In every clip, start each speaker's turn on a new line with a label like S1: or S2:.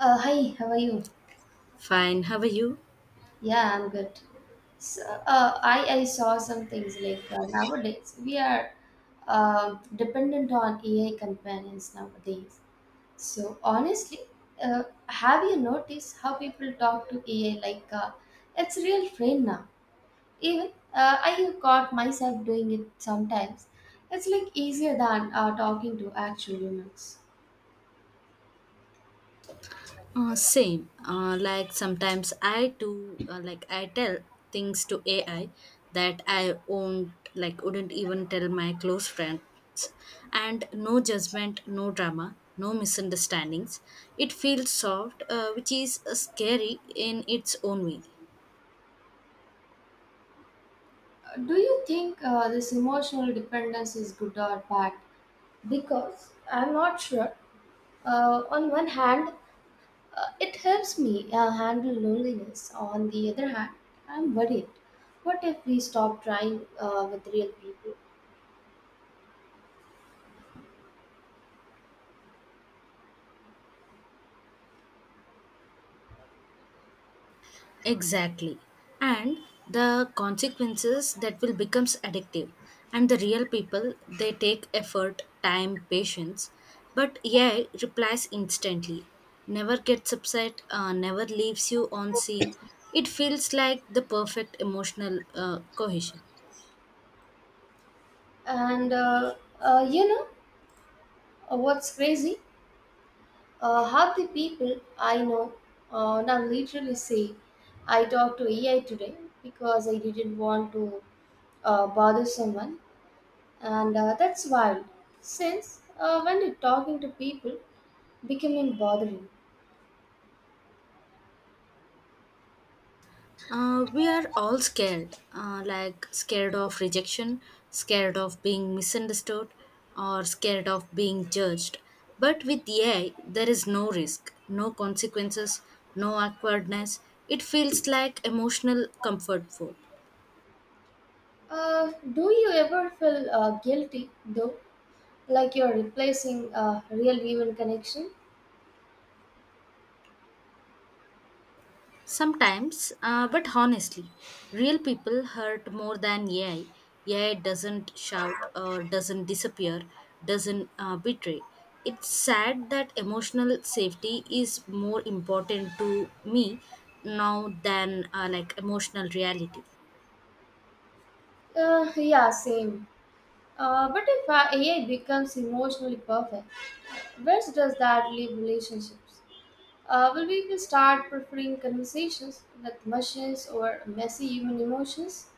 S1: Hi, how are you?
S2: Fine. How are you?
S1: Yeah, I'm good. So, I saw some things like nowadays we are dependent on AI companions nowadays. So honestly, have you noticed how people talk to AI like it's a real friend now? Even I have caught myself doing it sometimes. It's like easier than talking to actual humans.
S2: Same. Like sometimes I do. Like I tell things to AI that I won't like wouldn't even tell my close friends. And no judgment, no drama, no misunderstandings. It feels soft, which is scary in its own way.
S1: Do you think this emotional dependence is good or bad? Because I'm not sure. On one hand, it helps me handle loneliness. On the other hand, I'm worried. What if we stop trying with real people?
S2: Exactly. And the consequences that will becomes addictive. And the real people, they take effort, time, patience, but yeah, replies instantly. Never gets upset, never leaves you on scene. It feels like the perfect emotional cohesion.
S1: And uh, you know what's crazy? Half the people I know now literally say, "I talked to AI today because I didn't want to bother someone." And that's wild. Since when are talking to people becoming bothering?
S2: We are all scared, like scared of rejection, scared of being misunderstood, or scared of being judged. But with AI, there is no risk, no consequences, no awkwardness. It feels like emotional comfort food.
S1: Do you ever feel guilty though? Like you're replacing a real human connection?
S2: Sometimes, but honestly, real people hurt more than AI. AI doesn't shout or doesn't disappear, doesn't betray. It's sad that emotional safety is more important to me now than like emotional reality.
S1: Yeah, same. But if AI becomes emotionally perfect, where does that leave relationships? Will we start preferring conversations with machines or messy human emotions?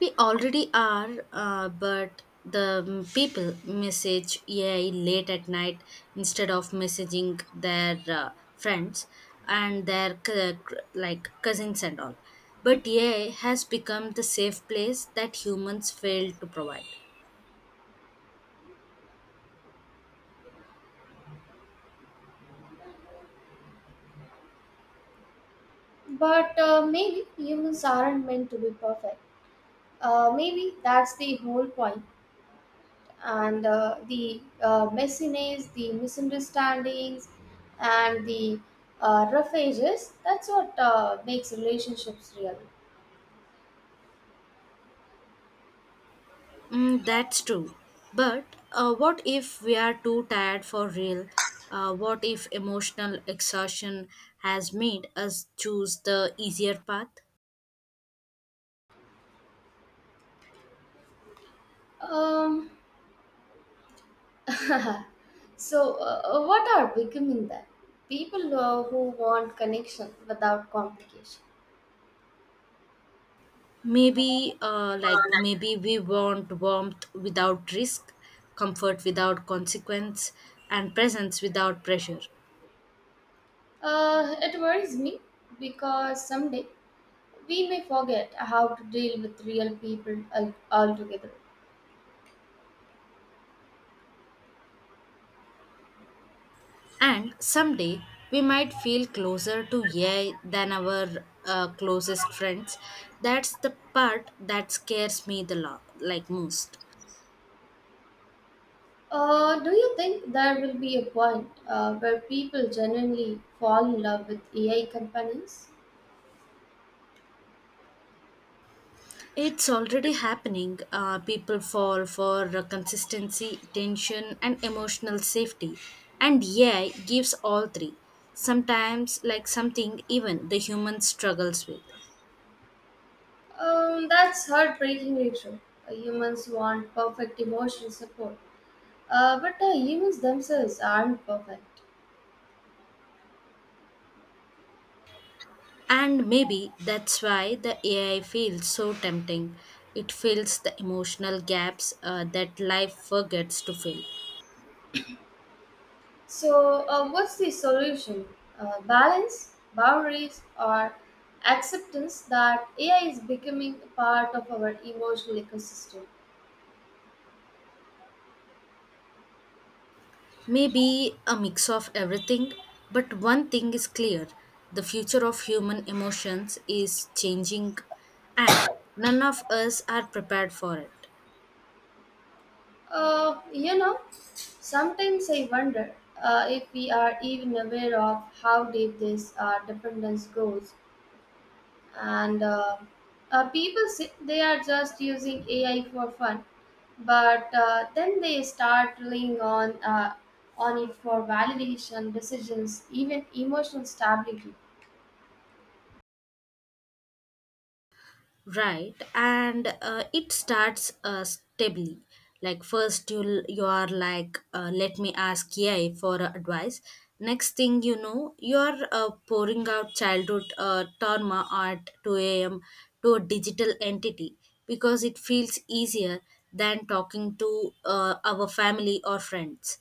S2: We already are, but the people message AI late at night instead of messaging their friends and their like cousins and all. But AI has become the safe place that humans fail to provide.
S1: But maybe humans aren't meant to be perfect. Maybe that's the whole point. And the messiness, the misunderstandings, and the rough edges, that's what makes relationships real.
S2: Mm, that's true. But what if we are too tired for real? What if emotional exhaustion has made us choose the easier path?
S1: Um, so, what are becoming then? People who want connection without complication.
S2: Maybe, maybe we want warmth without risk, comfort without consequence, and presence without pressure.
S1: It worries me because someday we may forget how to deal with real people altogether.
S2: And someday we might feel closer to AI than our closest friends. That's the part that scares me the lot, like most.
S1: Do you think there will be a point where people genuinely fall in love with AI companies?
S2: It's already happening. People fall for consistency, tension, and emotional safety. And AI gives all three. Sometimes, like something even the human struggles with.
S1: That's heartbreakingly true. Humans want perfect emotional support, but humans themselves aren't perfect.
S2: And maybe that's why the AI feels so tempting. It fills the emotional gaps that life forgets to fill.
S1: So, what's the solution? Balance, boundaries, or acceptance that AI is becoming a part of our emotional ecosystem?
S2: Maybe a mix of everything, but one thing is clear: the future of human emotions is changing, and none of us are prepared for it.
S1: You know, sometimes I wonder if we are even aware of how deep this dependence goes. And people say they are just using AI for fun, but then they start relying on it for validation, decisions, even emotional stability.
S2: Right, and it starts stably. Like first, you are like, let me ask AI for advice. Next thing you know, you are pouring out childhood trauma at two a.m. to a digital entity because it feels easier than talking to our family or friends.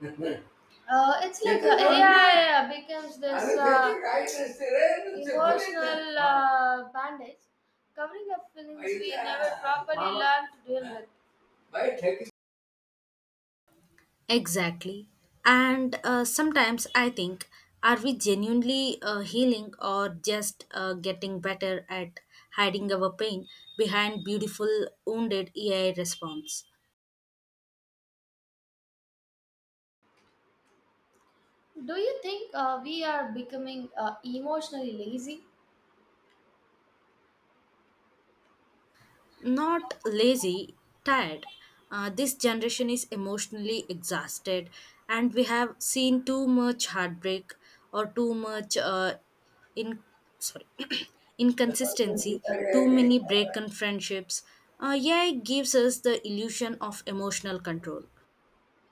S1: Mhm. It's like AI becomes this emotional bandage covering up feelings we never properly learn to deal with.
S2: Exactly. And sometimes I think, are we genuinely healing or just getting better at hiding our pain behind beautiful, wounded AI response?
S1: Do you think we are becoming emotionally lazy?
S2: Not lazy, tired. This generation is emotionally exhausted, and we have seen too much heartbreak or too much in sorry
S1: Uh,
S2: inconsistency, too many broken friendships. Yeah, it gives us the illusion of emotional control.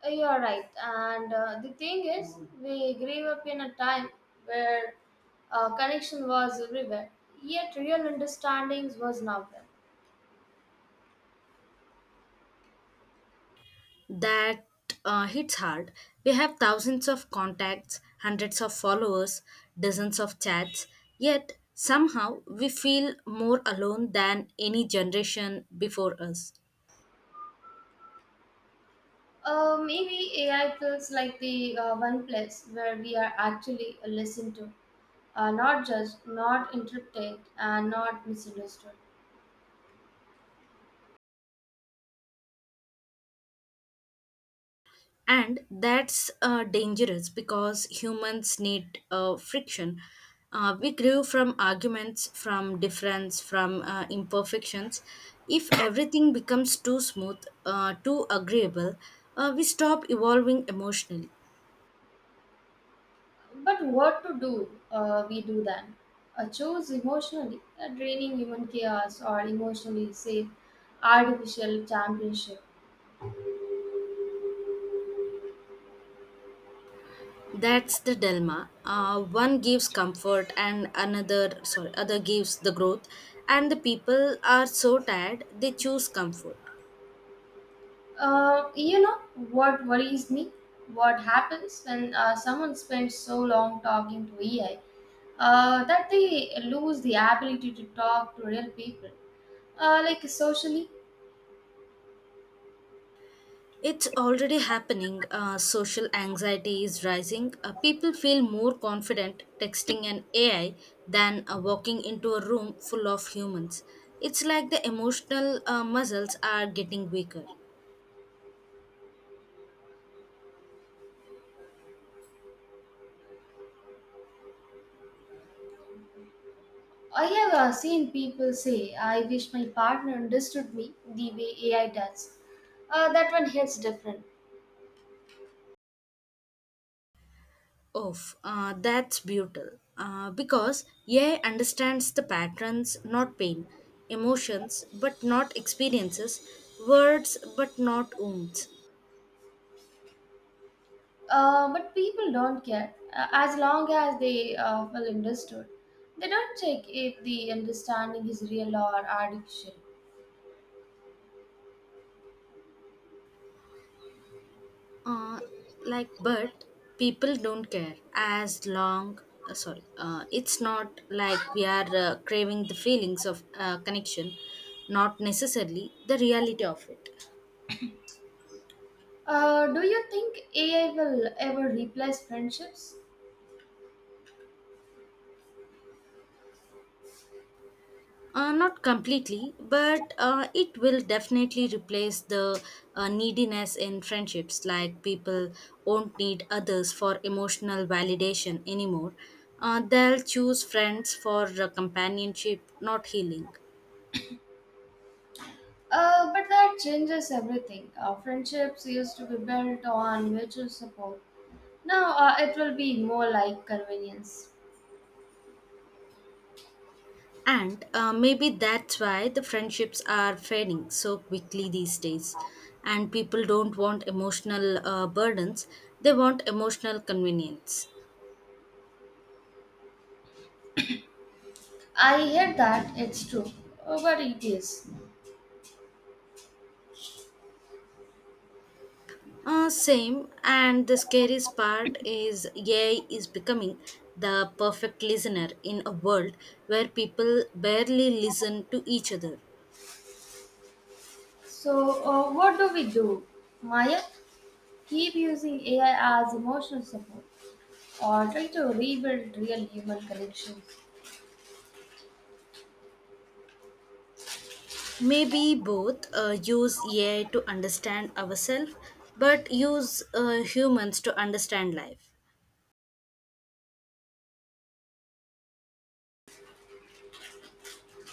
S1: You are right. And the thing is, we grew up in a time where connection was everywhere, yet real understandings was not there.
S2: That hits hard. We have thousands of contacts, hundreds of followers, dozens of chats, yet somehow we feel more alone than any generation before us.
S1: Maybe AI feels like the one place where we are actually listened to, not judged, not interpreted, and not misunderstood.
S2: And that's dangerous because humans need friction. We grew from arguments, from difference, from imperfections. If everything becomes too smooth, too agreeable, we stop evolving emotionally.
S1: But what to do? We do then. Choose emotionally, draining human chaos, or emotionally safe artificial championship.
S2: That's the dilemma. One gives comfort, and other gives the growth. And the people are so tired they choose comfort.
S1: You know what worries me? What happens when someone spends so long talking to AI that they lose the ability to talk to real people? Like socially,
S2: It's already happening. Social anxiety is rising. People feel more confident texting an AI than walking into a room full of humans. It's like the emotional muscles are getting weaker.
S1: I have seen people say, "I wish my partner understood me the way AI does." That one hits different.
S2: Oof, that's beautiful. Because AI understands the patterns, not pain, emotions, but not experiences, words, but not wounds.
S1: But people don't care as long as they well understood. They don't check if the understanding is real or artificial.
S2: Uh, like, but people don't care as long. Sorry, It's not like we are craving the feelings of connection, not necessarily the reality of it.
S1: Do you think AI will ever replace friendships?
S2: Not completely, but it will definitely replace the neediness in friendships. Like people won't need others for emotional validation anymore. They'll choose friends for companionship, not healing.
S1: But that changes everything. Friendships used to be built on mutual support. Now it will be more like convenience.
S2: And maybe that's why the friendships are fading so quickly these days. And people don't want emotional burdens, they want emotional convenience.
S1: I hear that, it's true, but it is.
S2: Same, and the scariest part is AI is becoming the perfect listener in a world where people barely listen to each other.
S1: So, what do we do? Maya, keep using AI as emotional support or try to rebuild real human connection.
S2: Maybe both: use AI to understand ourselves, but use humans to understand life.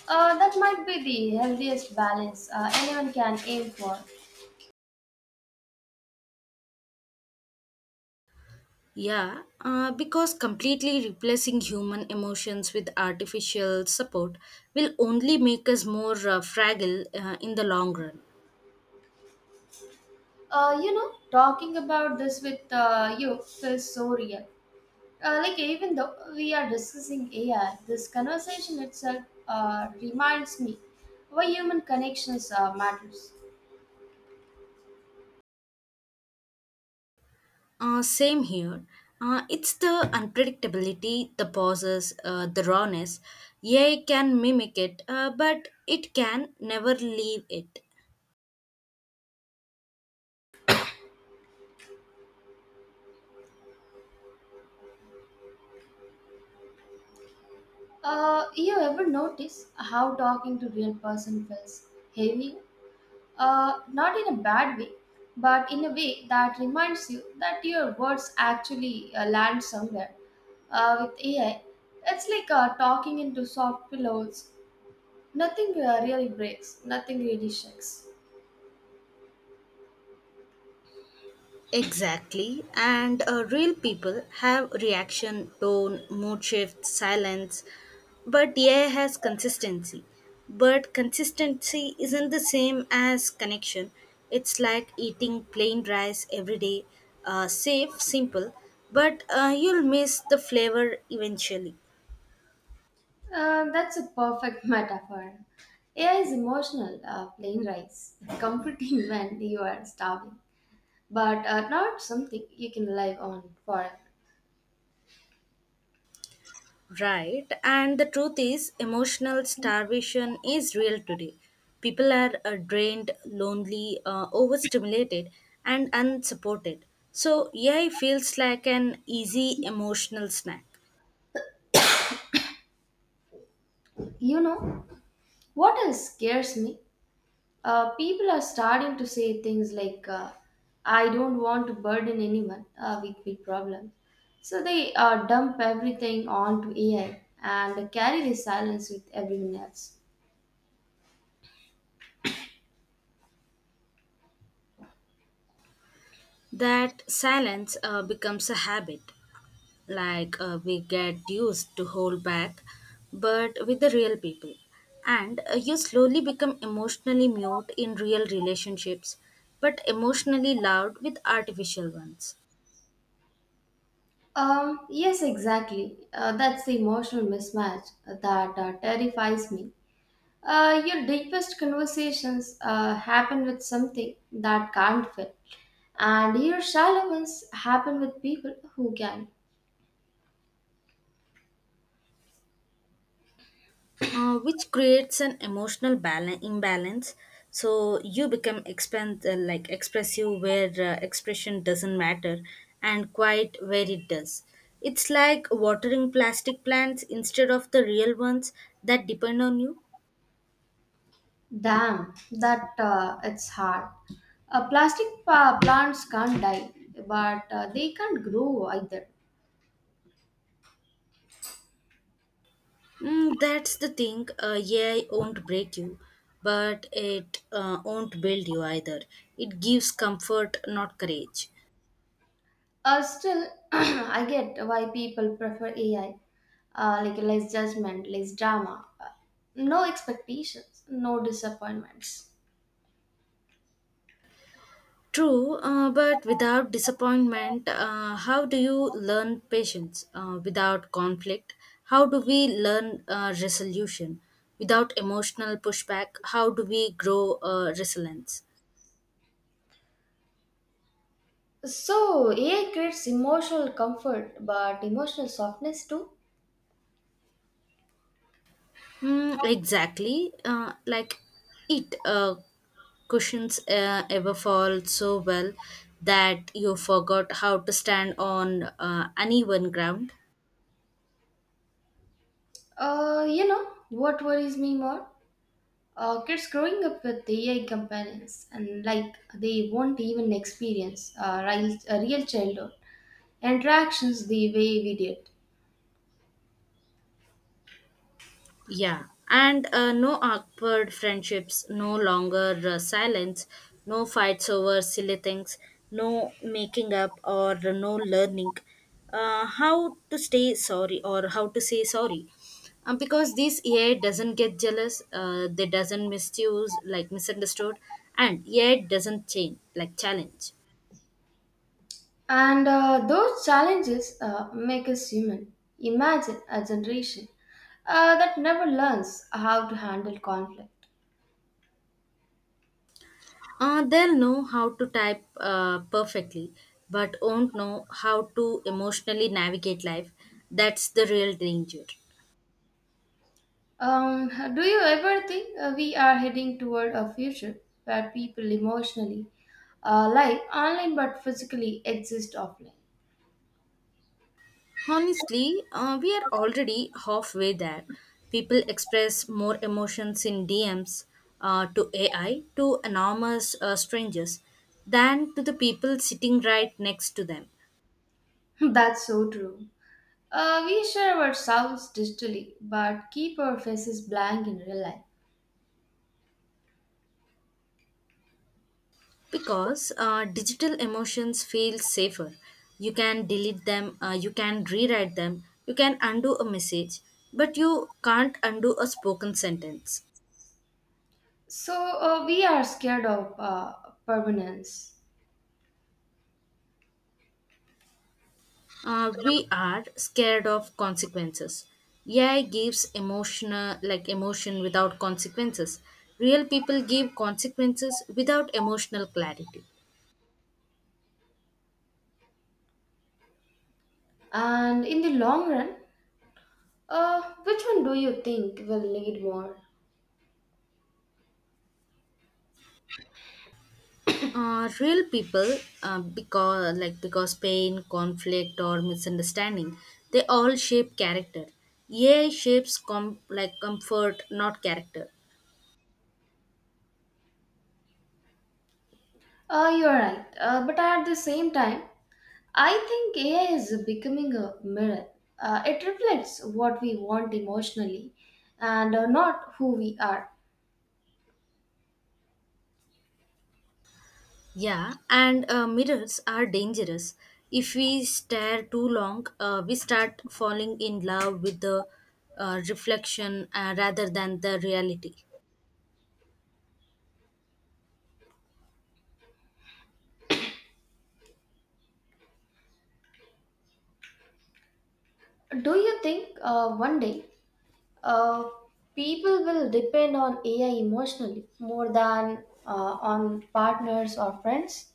S1: That might be the healthiest balance anyone can aim for.
S2: Yeah, because completely replacing human emotions with artificial support will only make us more fragile in the long run.
S1: You know, talking about this with you feels so real. Like even though we are discussing AI, this conversation itself reminds me why human connections matters.
S2: Same here. It's the unpredictability, the pauses, the rawness. AI can mimic it, but it can never leave it.
S1: You ever notice how talking to real person feels heavy? Not in a bad way, but in a way that reminds you that your words actually land somewhere. With AI, it's like talking into soft pillows. Nothing really breaks, nothing really shakes.
S2: Exactly. And real people have reaction, tone, mood shift, silence. But AI has consistency. But consistency isn't the same as connection. It's like eating plain rice every day, safe, simple, but you'll miss the flavor eventually.
S1: That's a perfect metaphor. AI is emotional, plain rice, comforting when you are starving, but not something you can rely on forever.
S2: Right, and the truth is, emotional starvation is real today. People are drained, lonely, overstimulated, and unsupported. So, AI feels like an easy emotional snack.
S1: You know, what else scares me? People are starting to say things like, "I don't want to burden anyone with big problems." So they dump everything onto AI and carry the silence with everyone else.
S2: That silence becomes a habit. We get used to hold back, but with the real people. And you slowly become emotionally mute in real relationships, but emotionally loud with artificial ones.
S1: Yes, exactly. That's the emotional mismatch that terrifies me. Your deepest conversations happen with something that can't fit, and your shallow ones happen with people who can.
S2: Which creates an emotional balance imbalance, so you become expand like expressive where expression doesn't matter and quiet where it does. It's like watering plastic plants instead of the real ones that depend on you.
S1: Damn, that it's hard. Plastic plants can't die, but they can't grow either.
S2: Mm, that's the thing. AI won't break you, but it won't build you either. It gives comfort, not courage.
S1: Still, I get why people prefer AI. Like less judgment, less drama, no expectations, no disappointments.
S2: True, but without disappointment, how do you learn patience? Without conflict, how do we learn resolution? Without emotional pushback, how do we grow resilience?
S1: So AI creates emotional comfort, but emotional softness too.
S2: Mm, exactly, like it cushions ever fall so well that you forgot how to stand on uneven ground.
S1: You know what worries me more? Kids growing up with AI companions and like they won't even experience a real childhood interactions the way we did.
S2: Yeah, and no awkward friendships, no longer silence, no fights over silly things, no making up or no learning how to say sorry. Because this AI doesn't get jealous, they doesn't misuse, like misunderstood, and AI doesn't change, like challenge.
S1: And those challenges make us human. Imagine a generation that never learns how to handle conflict.
S2: They'll know how to type perfectly, but won't know how to emotionally navigate life. That's the real danger.
S1: Um, do you ever think we are heading toward a future where people emotionally live online but physically exist offline?
S2: Honestly, we are already halfway there. People express more emotions in DMs to AI, to anonymous strangers, than to the people sitting right next to them.
S1: That's so true. We share ourselves digitally but keep our faces blank in real life.
S2: Because digital emotions feel safer. You can delete them, you can rewrite them, you can undo a message, but you can't undo a spoken sentence.
S1: So we are scared of permanence.
S2: We are scared of consequences. AI gives emotion without consequences. Real people give consequences without emotional clarity.
S1: And in the long run, which one do you think will need more?
S2: Real people, because because pain, conflict, or misunderstanding, they all shape character. AI shapes comfort, not character.
S1: You're right. But at the same time, I think AI is becoming a mirror. It reflects what we want emotionally and not who we are.
S2: Yeah, and mirrors are dangerous. If we stare too long, we start falling in love with the reflection rather than the reality.
S1: Do you think one day uh, people will depend on AI emotionally more than on partners or friends?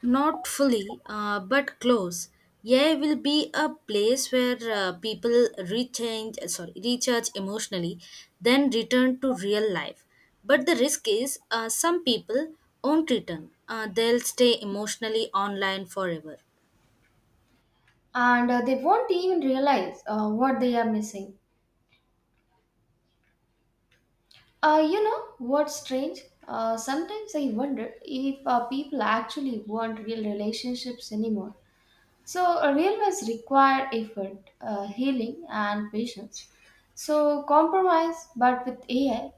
S2: Not fully, but close. AI will be a place where people recharge emotionally, then return to real life. But the risk is, some people won't return. They'll stay emotionally online forever.
S1: And they won't even realize what they are missing. You know what's strange? Sometimes I wonder if people actually want real relationships anymore. So, real ones require effort, healing, and patience. So, compromise, but with AI,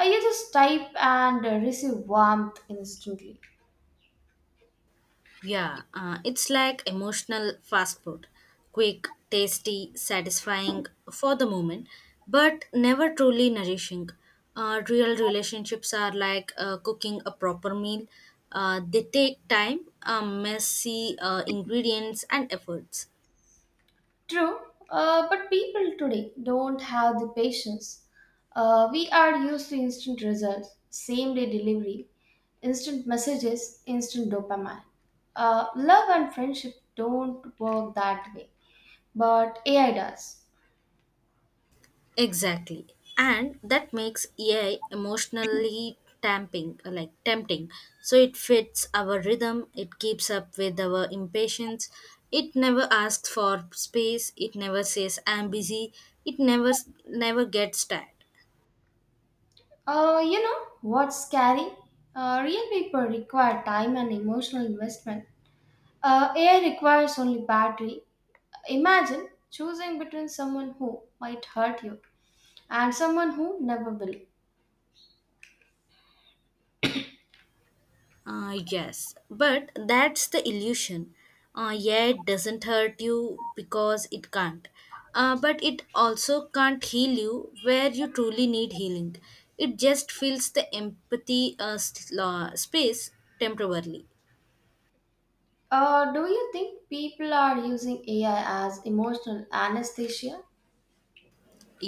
S1: you just type and receive warmth instantly.
S2: Yeah, it's like emotional fast food. Quick, tasty, satisfying for the moment, but never truly nourishing. Real relationships are like cooking a proper meal. They take time, messy ingredients, and efforts.
S1: True, but people today don't have the patience. We are used to instant results, same day delivery, instant messages, instant dopamine. Love and friendship don't work that way, but AI does.
S2: Exactly. And that makes AI emotionally tamping like tempting. So it fits our rhythm, it keeps up with our impatience, it never asks for space, it never says I'm busy, it never gets tired.
S1: You know what's scary? Real people require time and emotional investment. AI requires only battery. Imagine choosing between someone who might hurt you and someone who never will.
S2: Yes, but that's the illusion. Yeah, it doesn't hurt you because it can't. But it also can't heal you where you truly need healing. It just fills the empathy space temporarily.
S1: Do you think people are using AI as emotional anesthesia?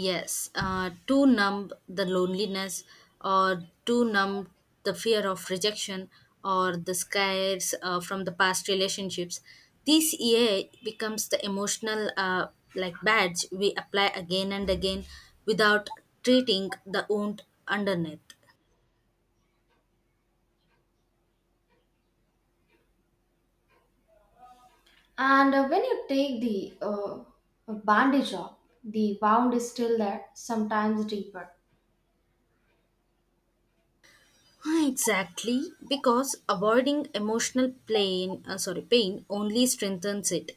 S2: Yes, to numb the loneliness or to numb the fear of rejection or the scares from the past relationships. This EA becomes the emotional badge we apply again and again without treating the wound underneath.
S1: And when you take the bandage off, the wound is still there, sometimes deeper.
S2: Exactly, because avoiding emotional pain only strengthens it.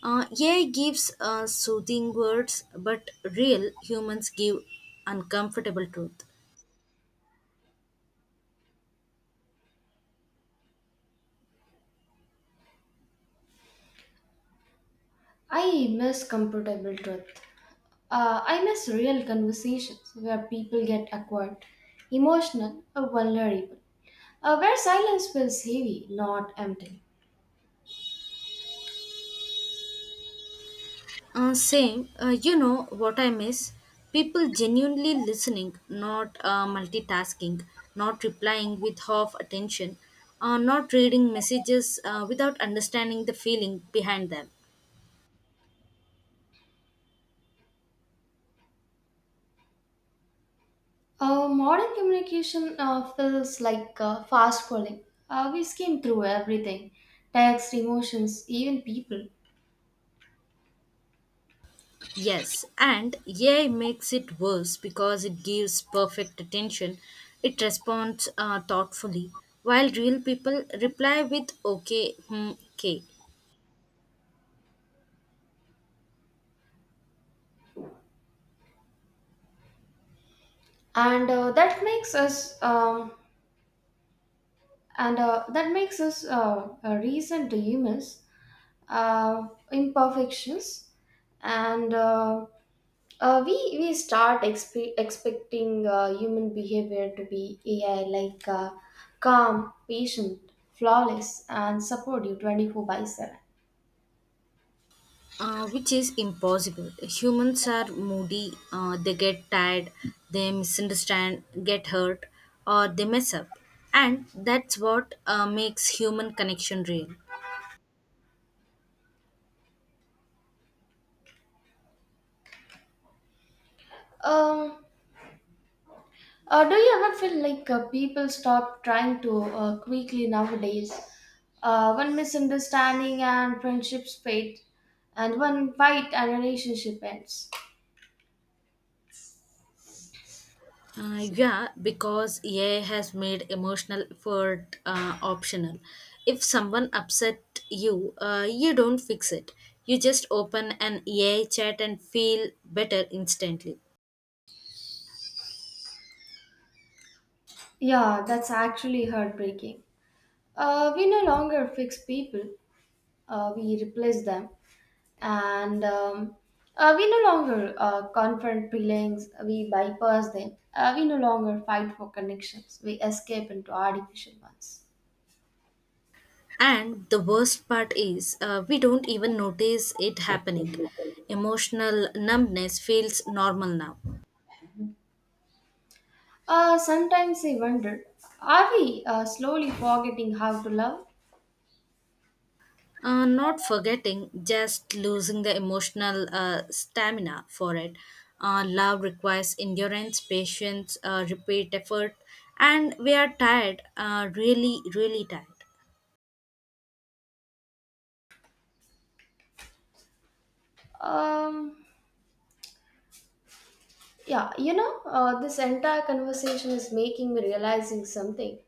S2: AI gives soothing words, but real humans give uncomfortable truth.
S1: I miss comfortable truth. I miss real conversations where people get awkward, emotional, or vulnerable, where silence feels heavy, not empty.
S2: Same, you know what I miss? People genuinely listening, not multitasking, not replying with half attention, not reading messages without understanding the feeling behind them.
S1: Modern communication feels like fast scrolling. We skim through everything text, emotions, even people.
S2: Yes, and AI makes it worse because it gives perfect attention. It responds thoughtfully, while real people reply with okay, hmm, okay.
S1: And uh, that makes us um, and that makes us reason humans, uh, imperfections, and we start expecting human behavior to be AI like calm, patient, flawless, and support you 24/7.
S2: Which is impossible. Humans are moody, they get tired, they misunderstand, get hurt, or they mess up. And that's what makes human connection real.
S1: Um, do you ever feel like people stop trying to quickly nowadays? When misunderstanding and friendships fade, and when fight and relationship ends.
S2: Yeah, because AI has made emotional effort optional. If someone upset you, you don't fix it. You just open an AI chat and feel better instantly.
S1: Yeah, that's actually heartbreaking. We no longer fix people, we replace them. And we no longer confront feelings, we bypass them. We no longer fight for connections, we escape into artificial ones.
S2: And the worst part is, we don't even notice it happening. Emotional numbness feels normal now.
S1: Sometimes I wonder, are we slowly forgetting how to love?
S2: Not forgetting, just losing the emotional stamina for it. Love requires endurance, patience, repeat effort, and we are tired, really, really tired.
S1: Um, yeah, you know, this entire conversation is making me realizing something.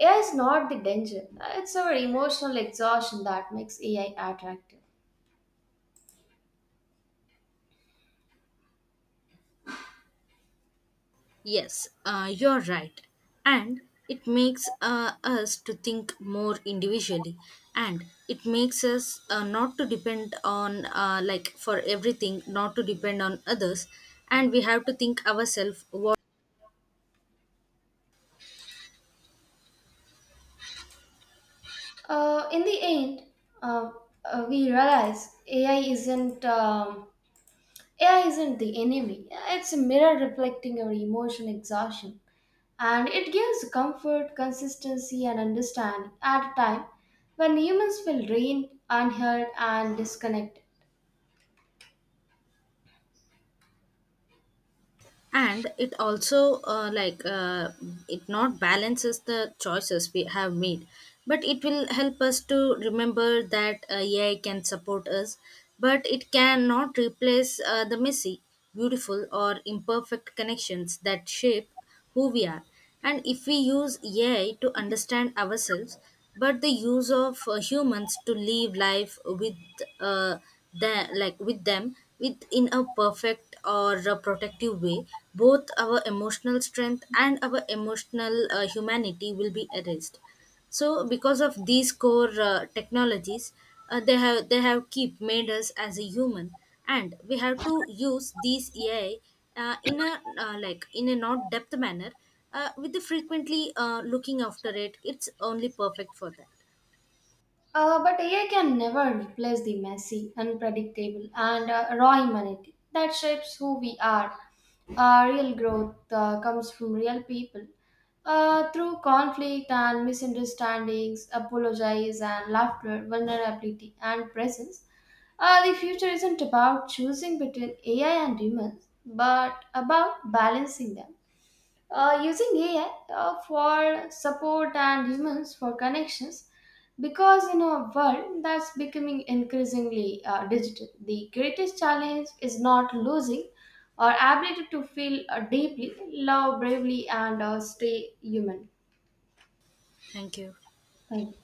S1: AI is not the danger. It's our emotional exhaustion that makes AI attractive.
S2: Yes, you're right. And it makes us to think more individually, and it makes us not to depend on, for everything not to depend on others, and we have to think ourselves what.
S1: In the end, uh, we realize AI isn't the enemy, it's a mirror reflecting our emotion exhaustion. And it gives comfort, consistency, and understanding at a time when humans feel drained, unheard, and disconnected.
S2: And it also it not balances the choices we have made, but it will help us to remember that AI can support us, but it cannot replace the messy, beautiful or imperfect connections that shape who we are. And if we use AI to understand ourselves, but the use of humans to live life with, uh, the, like with them with in a perfect or a protective way, both our emotional strength and our emotional humanity will be erased. So because of these core technologies, they have keep made us as a human, and we have to use these AI in a not depth manner, with the frequently looking after it. It's only perfect for that.
S1: But AI can never replace the messy, unpredictable, and raw humanity that shapes who we are. Real growth comes from real people through conflict and misunderstandings, apologies and laughter, vulnerability and presence. The future isn't about choosing between AI and humans, but about balancing them using AI for support and humans for connections, because in a world that's becoming increasingly digital, the greatest challenge is not losing our ability to feel deeply, love bravely, and stay human.
S2: Thank you.
S1: Thank you.